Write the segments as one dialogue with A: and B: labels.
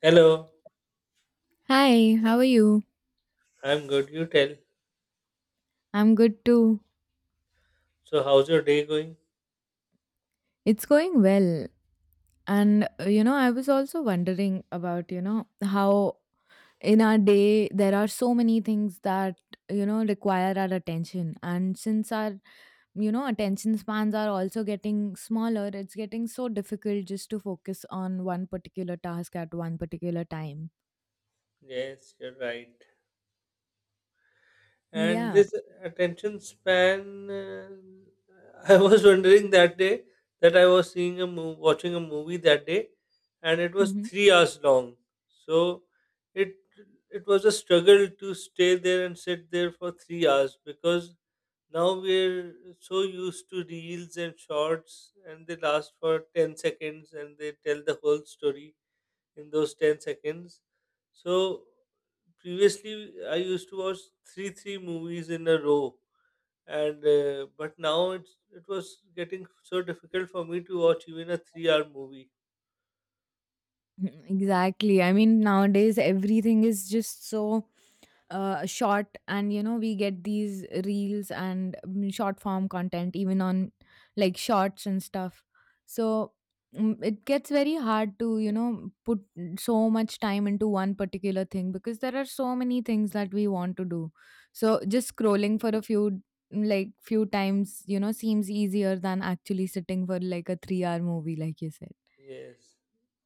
A: Hello,
B: Hi, how are you?
A: I'm good. You tell.
B: I'm good too.
A: So, how's your day going?
B: It's going well. And I was also wondering about, how in our day there are so many things that, require our attention. And since our, attention spans are also getting smaller, it's getting so difficult just to focus on one particular task at one particular time.
A: Yes, you're right. And
B: Yeah.
A: this attention span, I was wondering that day that I was seeing a movie, watching a movie that day, and it was
B: Hmm.
A: 3 hours long. So, it it was a struggle to stay there and sit there for 3 hours because now we're so used to reels and shorts, and they last for 10 seconds and they tell the whole story in those 10 seconds. So previously I used to watch three movies in a row and but now it was getting so difficult for me to watch even a 3-hour movie.
B: Exactly. I mean, nowadays everything is just so short, and we get these reels and short form content even on like shorts and stuff, so it gets very hard to put so much time into one particular thing because there are so many things that we want to do, so just scrolling for a few like few times seems easier than actually sitting for like a 3-hour hour movie like you said.
A: Yes.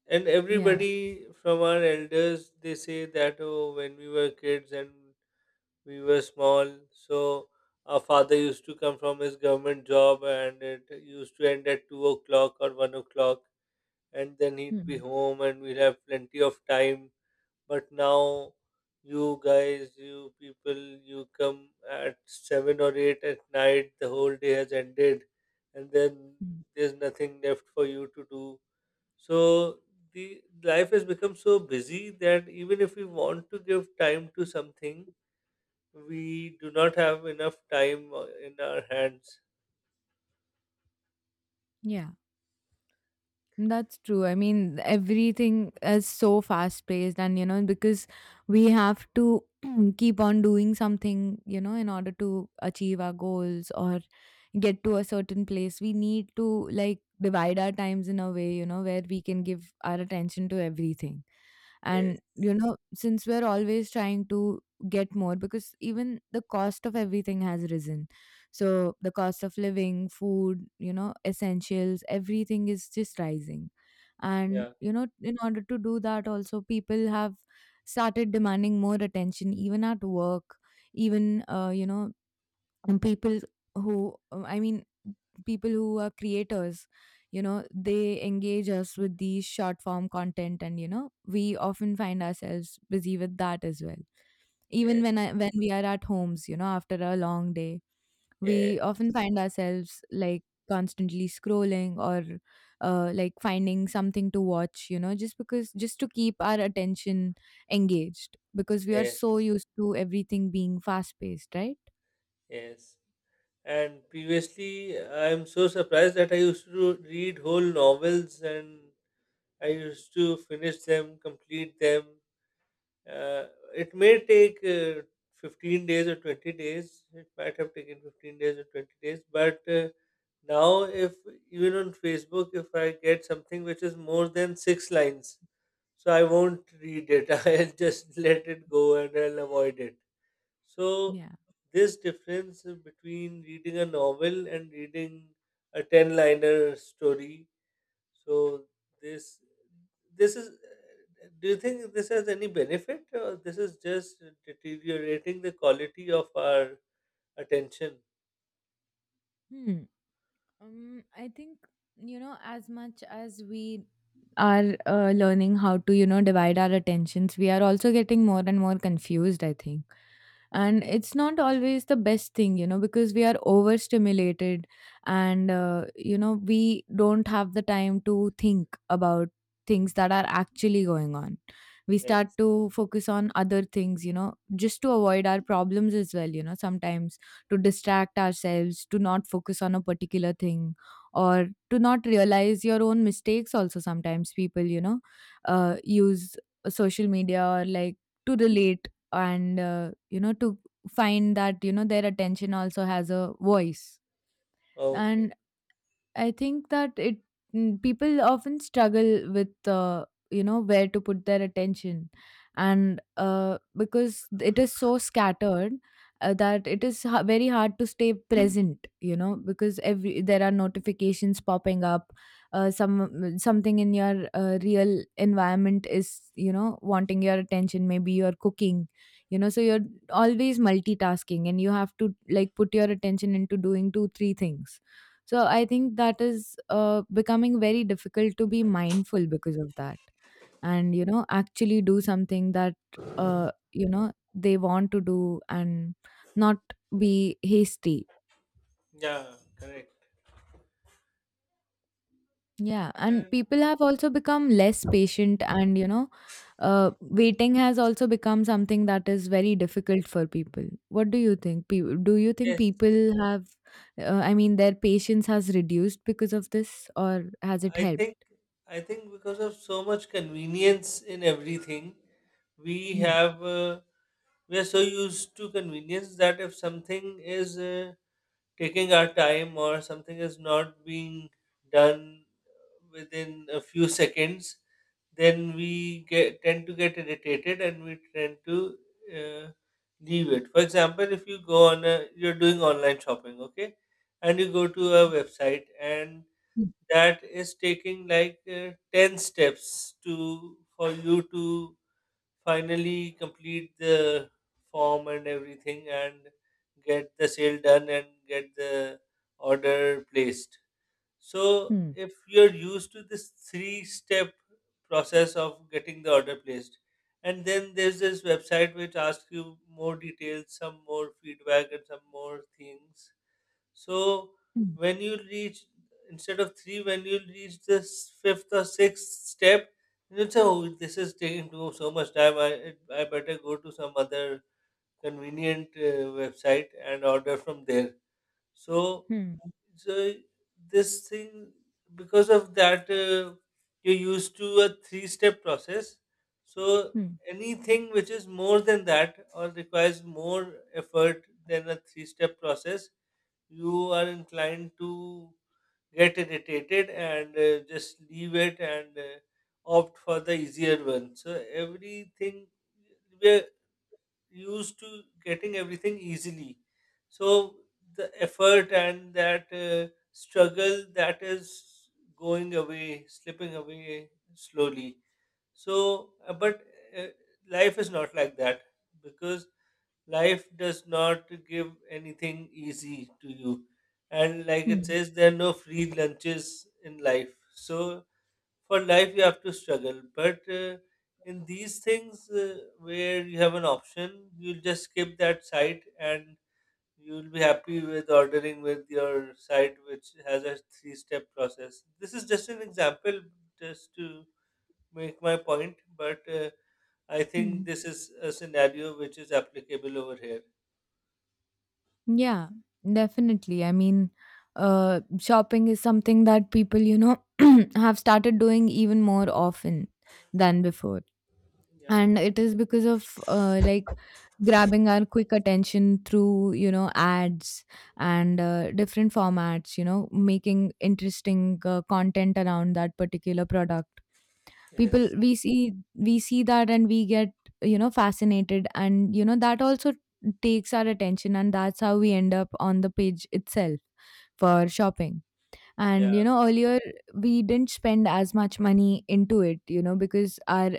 A: And
B: Yeah.
A: everybody from our elders, they say that, oh, when we were kids and we were small, so our father used to come from his government job and it used to end at 2 o'clock or 1 o'clock, and then he'd be
B: Hmm.
A: home and we'd have plenty of time. But now, you guys, you people, you come at 7 or 8 at night, the whole day has ended, and then
B: Hmm.
A: there's nothing left for you to do. So, the life has become so busy that even if we want to give time to something, we do not have enough time in our hands.
B: Yeah. That's true. I mean, everything is so fast paced, and because we have to keep on doing something, in order to achieve our goals or get to a certain place, we need to like divide our times in a way, where we can give our attention to everything.
A: Yes,
B: And, since we're always trying to get more, because even the cost of everything has risen, so the cost of living, food, essentials, everything is just rising. And,
A: yeah,
B: in order to do that, also people have started demanding more attention, even at work, even, and I mean, people who are creators, they engage us with these short form content, and we often find ourselves busy with that as well, even
A: yes,
B: when we are at homes, after a long day,
A: yes,
B: we often find ourselves like constantly scrolling, or like finding something to watch, just because just to keep our attention engaged, because we are
A: yes,
B: so used to everything being fast paced, right?
A: yes. And previously, I'm so surprised that I used to read whole novels and I used to finish them, complete them. Uh, it may take 15 days or 20 days. It might have taken 15 days or 20 days. But now, if even on Facebook, if I get something which is more than six lines, so I won't read it. I'll just let it go and I'll avoid it. So,
B: Yeah.
A: this difference between reading a novel and reading a 10 liner story, so this this is do you think this has any benefit, or this is just deteriorating the quality of our attention?
B: Hmm. I think, as much as we are learning how to, divide our attentions, we are also getting more and more confused, I think, and it's not always the best thing, because we are overstimulated, and we don't have the time to think about things that are actually going on. We start
A: Yes.
B: to focus on other things, just to avoid our problems as well, sometimes to distract ourselves, to not focus on a particular thing, or to not realize your own mistakes. Also sometimes people, use social media, or like, to relate, and to find that their attention also has a voice.
A: Okay.
B: And I think that people often struggle with where to put their attention, and because it is so scattered, that it is very hard to stay present. You know, because every, there are notifications popping up. Something in your real environment is wanting your attention, maybe you're cooking, so you're always multitasking and you have to like put your attention into doing two three things. So I think that is becoming very difficult to be mindful because of that. And, actually do something that, they want to do, and not be hasty.
A: Yeah, correct.
B: Yeah. And
A: And
B: people have also become less patient, and, waiting has also become something that is very difficult for people. What do you think? Do you think
A: yes,
B: people have, I mean, their patience has reduced because of this, or has it
A: I
B: helped?
A: think I think because of so much convenience in everything, we
B: Hmm.
A: have uh, we are so used to convenience that if something is taking our time or something is not being done within a few seconds, then tend to get irritated and we tend to uh, leave it. For example, if you go you're doing online shopping, okay, and you go to a website and that is taking like 10 steps to for you to finally complete the form and everything and get the sale done and get the order placed. So,
B: Hmm.
A: if you're used to this three step process of getting the order placed, and then there's this website which asks you more details, some more feedback, and some more things, so
B: Hmm.
A: when you reach, instead of three, when you reach this fifth or sixth step, you say, "Oh, this is taking too so much time. I better go to some other convenient website and order from there." So
B: Hmm.
A: so this thing, because of that, you're used to a three step process. So
B: Hmm.
A: anything which is more than that or requires more effort than a three step process, you are inclined to get irritated and just leave it and opt for the easier one. So everything, we're used to getting everything easily. So the effort and that struggle, that is going away, slipping away slowly. So, but uh, life is not like that, because life does not give anything easy to you, and like it
B: Hmm.
A: says, there are no free lunches in life. So for life you have to struggle, but in these things, where you have an option, you'll just skip that site and you'll be happy with ordering with your site which has a three step process. This is just an example, just to make my point, but I think this
B: Mm.
A: is a scenario which is applicable over here.
B: Yeah, definitely. I mean, shopping is something that people, have started doing even more often than before.
A: Yeah.
B: And it is because of like grabbing our quick attention through, ads and different formats, making interesting content around that particular product. People,
A: Yes,
B: we see that, and we get, fascinated, and that also takes our attention, and that's how we end up on the page itself for shopping.
A: yeah,
B: And earlier we didn't spend as much money into it, because our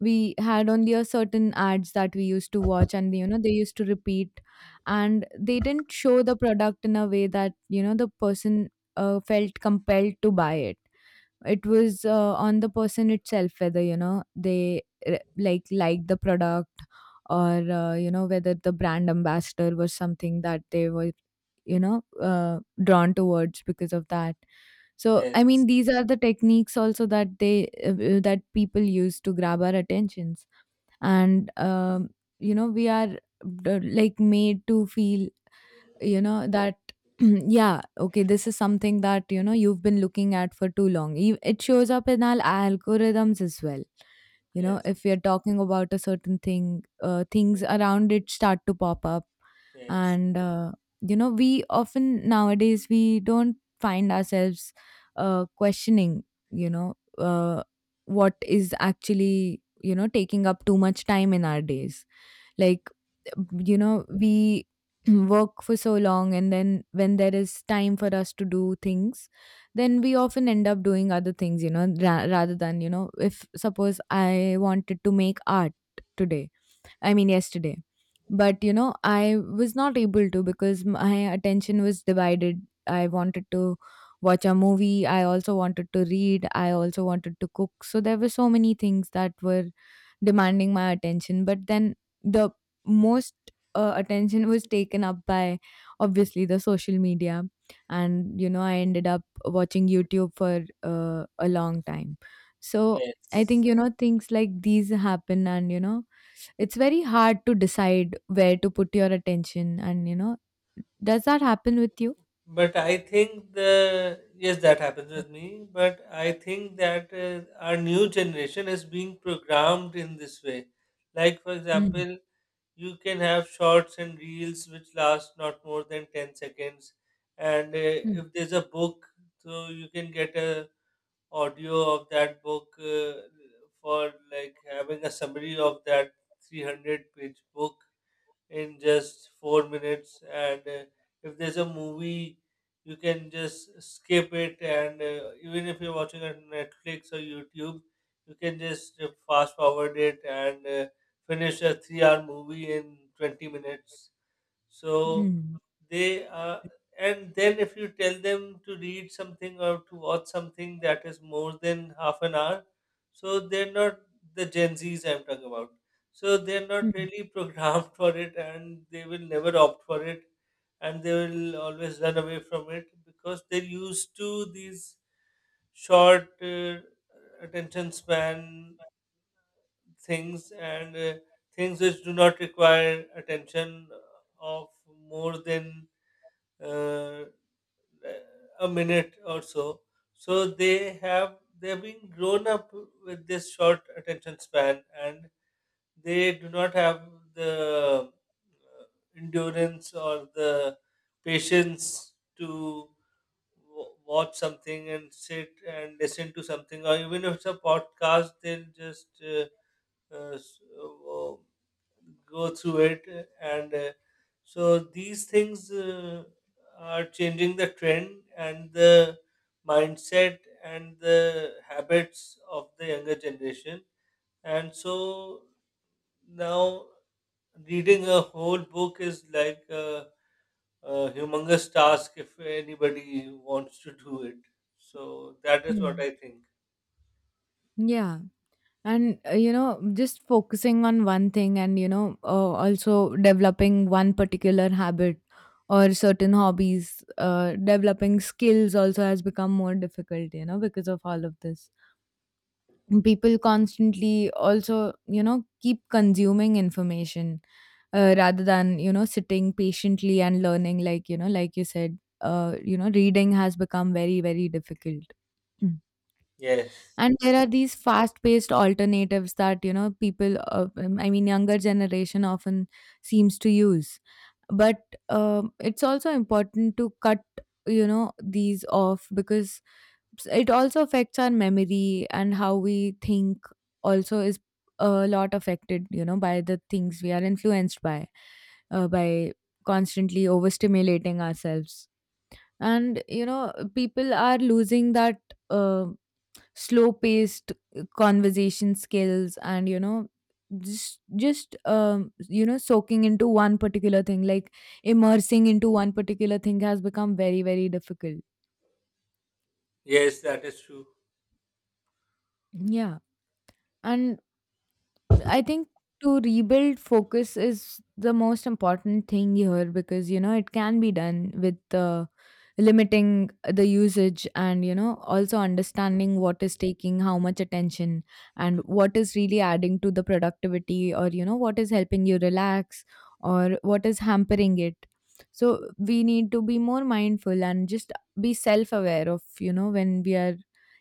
B: we had only a certain ads that we used to watch, and they used to repeat. And they didn't show the product in a way that the person felt compelled to buy it. It was on the person itself, whether they like the product, or whether the brand ambassador was something that they were you know uh, drawn towards because of that. So, I
A: yes,
B: mean, these are the techniques also that they that people use to grab our attentions, and we are like made to feel that yeah, okay, this is something that you've been looking at for too long. It shows up in our algorithms as well. You know,
A: yes,
B: if we are talking about a certain thing, things
A: yes,
B: around it start to pop up.
A: yes,
B: And we often nowadays we don't find ourselves questioning you know uh, what is actually taking up too much time in our days, like we work for so long, and then when there is time for us to do things, then we often end up doing other things, rather than if suppose I wanted to make art today, I mean yesterday, but I was not able to because my attention was divided. I wanted to watch a movie, I also wanted to read, I also wanted to cook, so there were so many things that were demanding my attention. But then the most attention was taken up by obviously the social media, and I ended up watching YouTube for a long time. So I
A: yes.
B: think things like these happen, and it's very hard to decide where to put your attention. And does that happen with you?
A: But I think, the yes, that happens with me. But I think that our new generation is being programmed in this way. Like for
B: Hmm.
A: example, you can have shorts and reels which last not more than 10 seconds, and
B: Hmm.
A: if there's a book, so you can get a audio of that book for like having a summary of that 300-page book in just 4 minutes. And if there's a movie, you can just skip it. And even if you're watching it on Netflix or YouTube, you can just fast forward it and finish a 3 hour movie in 20 minutes. So
B: Hmm.
A: they and then if you tell them to read something or to watch something that is more than half an hour, so they're not, the Gen Zs I'm talking about. So they're not
B: Hmm.
A: really programmed for it, and they will never opt for it, and they will always run away from it, because they're used to these short attention span things, and things which do not require attention of more than uh, a minute or so. So they've been grown up with this short attention span, and they do not have the uh, endurance or the patience to watch something and sit and listen to something, or even if it's a podcast, they'll just uh, s- uh, go through it, and so these things are changing the trend and the mindset and the habits of the younger generation. And so now reading a whole book is like a humongous task if anybody wants to do it. So that is what
B: Hmm.
A: I think.
B: Yeah. And just focusing on one thing, and also developing one particular habit or certain hobbies, developing skills also has become more difficult, because of all of this. People constantly also keep consuming information, rather than sitting patiently and learning, like like you said, reading has become very very difficult.
A: Yes.
B: And there are these fast paced alternatives that people I mean, younger generation often seems to use. But it's also important to cut these off, because it also affects our memory, and how we think also is a lot affected, by the things we are influenced by, by constantly overstimulating ourselves. And people are losing that uh, slow paced conversation skills, and just soaking into one particular thing, like immersing into one particular thing has become very very difficult.
A: Yes, that is true.
B: Yeah. And I think to rebuild focus is the most important thing here, because it can be done with the limiting the usage, and also understanding what is taking how much attention, and what is really adding to the productivity, or what is helping you relax, or what is hampering it. So we need to be more mindful and just be self aware of when we are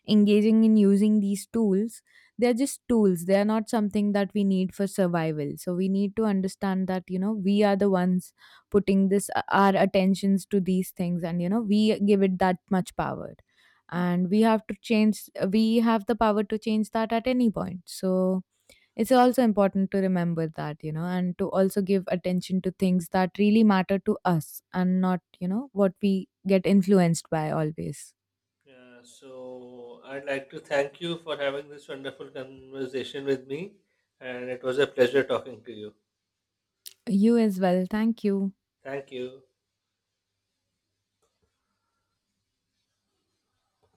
B: engaging in using these tools. They're just tools, they're not something that we need for survival. So we need to understand that we are the ones putting this our attentions to these things, and we give it that much power, and we have to change, we have the power to change that at any point. So it's also important to remember that and to also give attention to things that really matter to us, and not what we get influenced by always.
A: Yeah, so I'd like to thank you for having this wonderful conversation with me, and it was a pleasure talking to you.
B: You as well, thank you.
A: Thank you.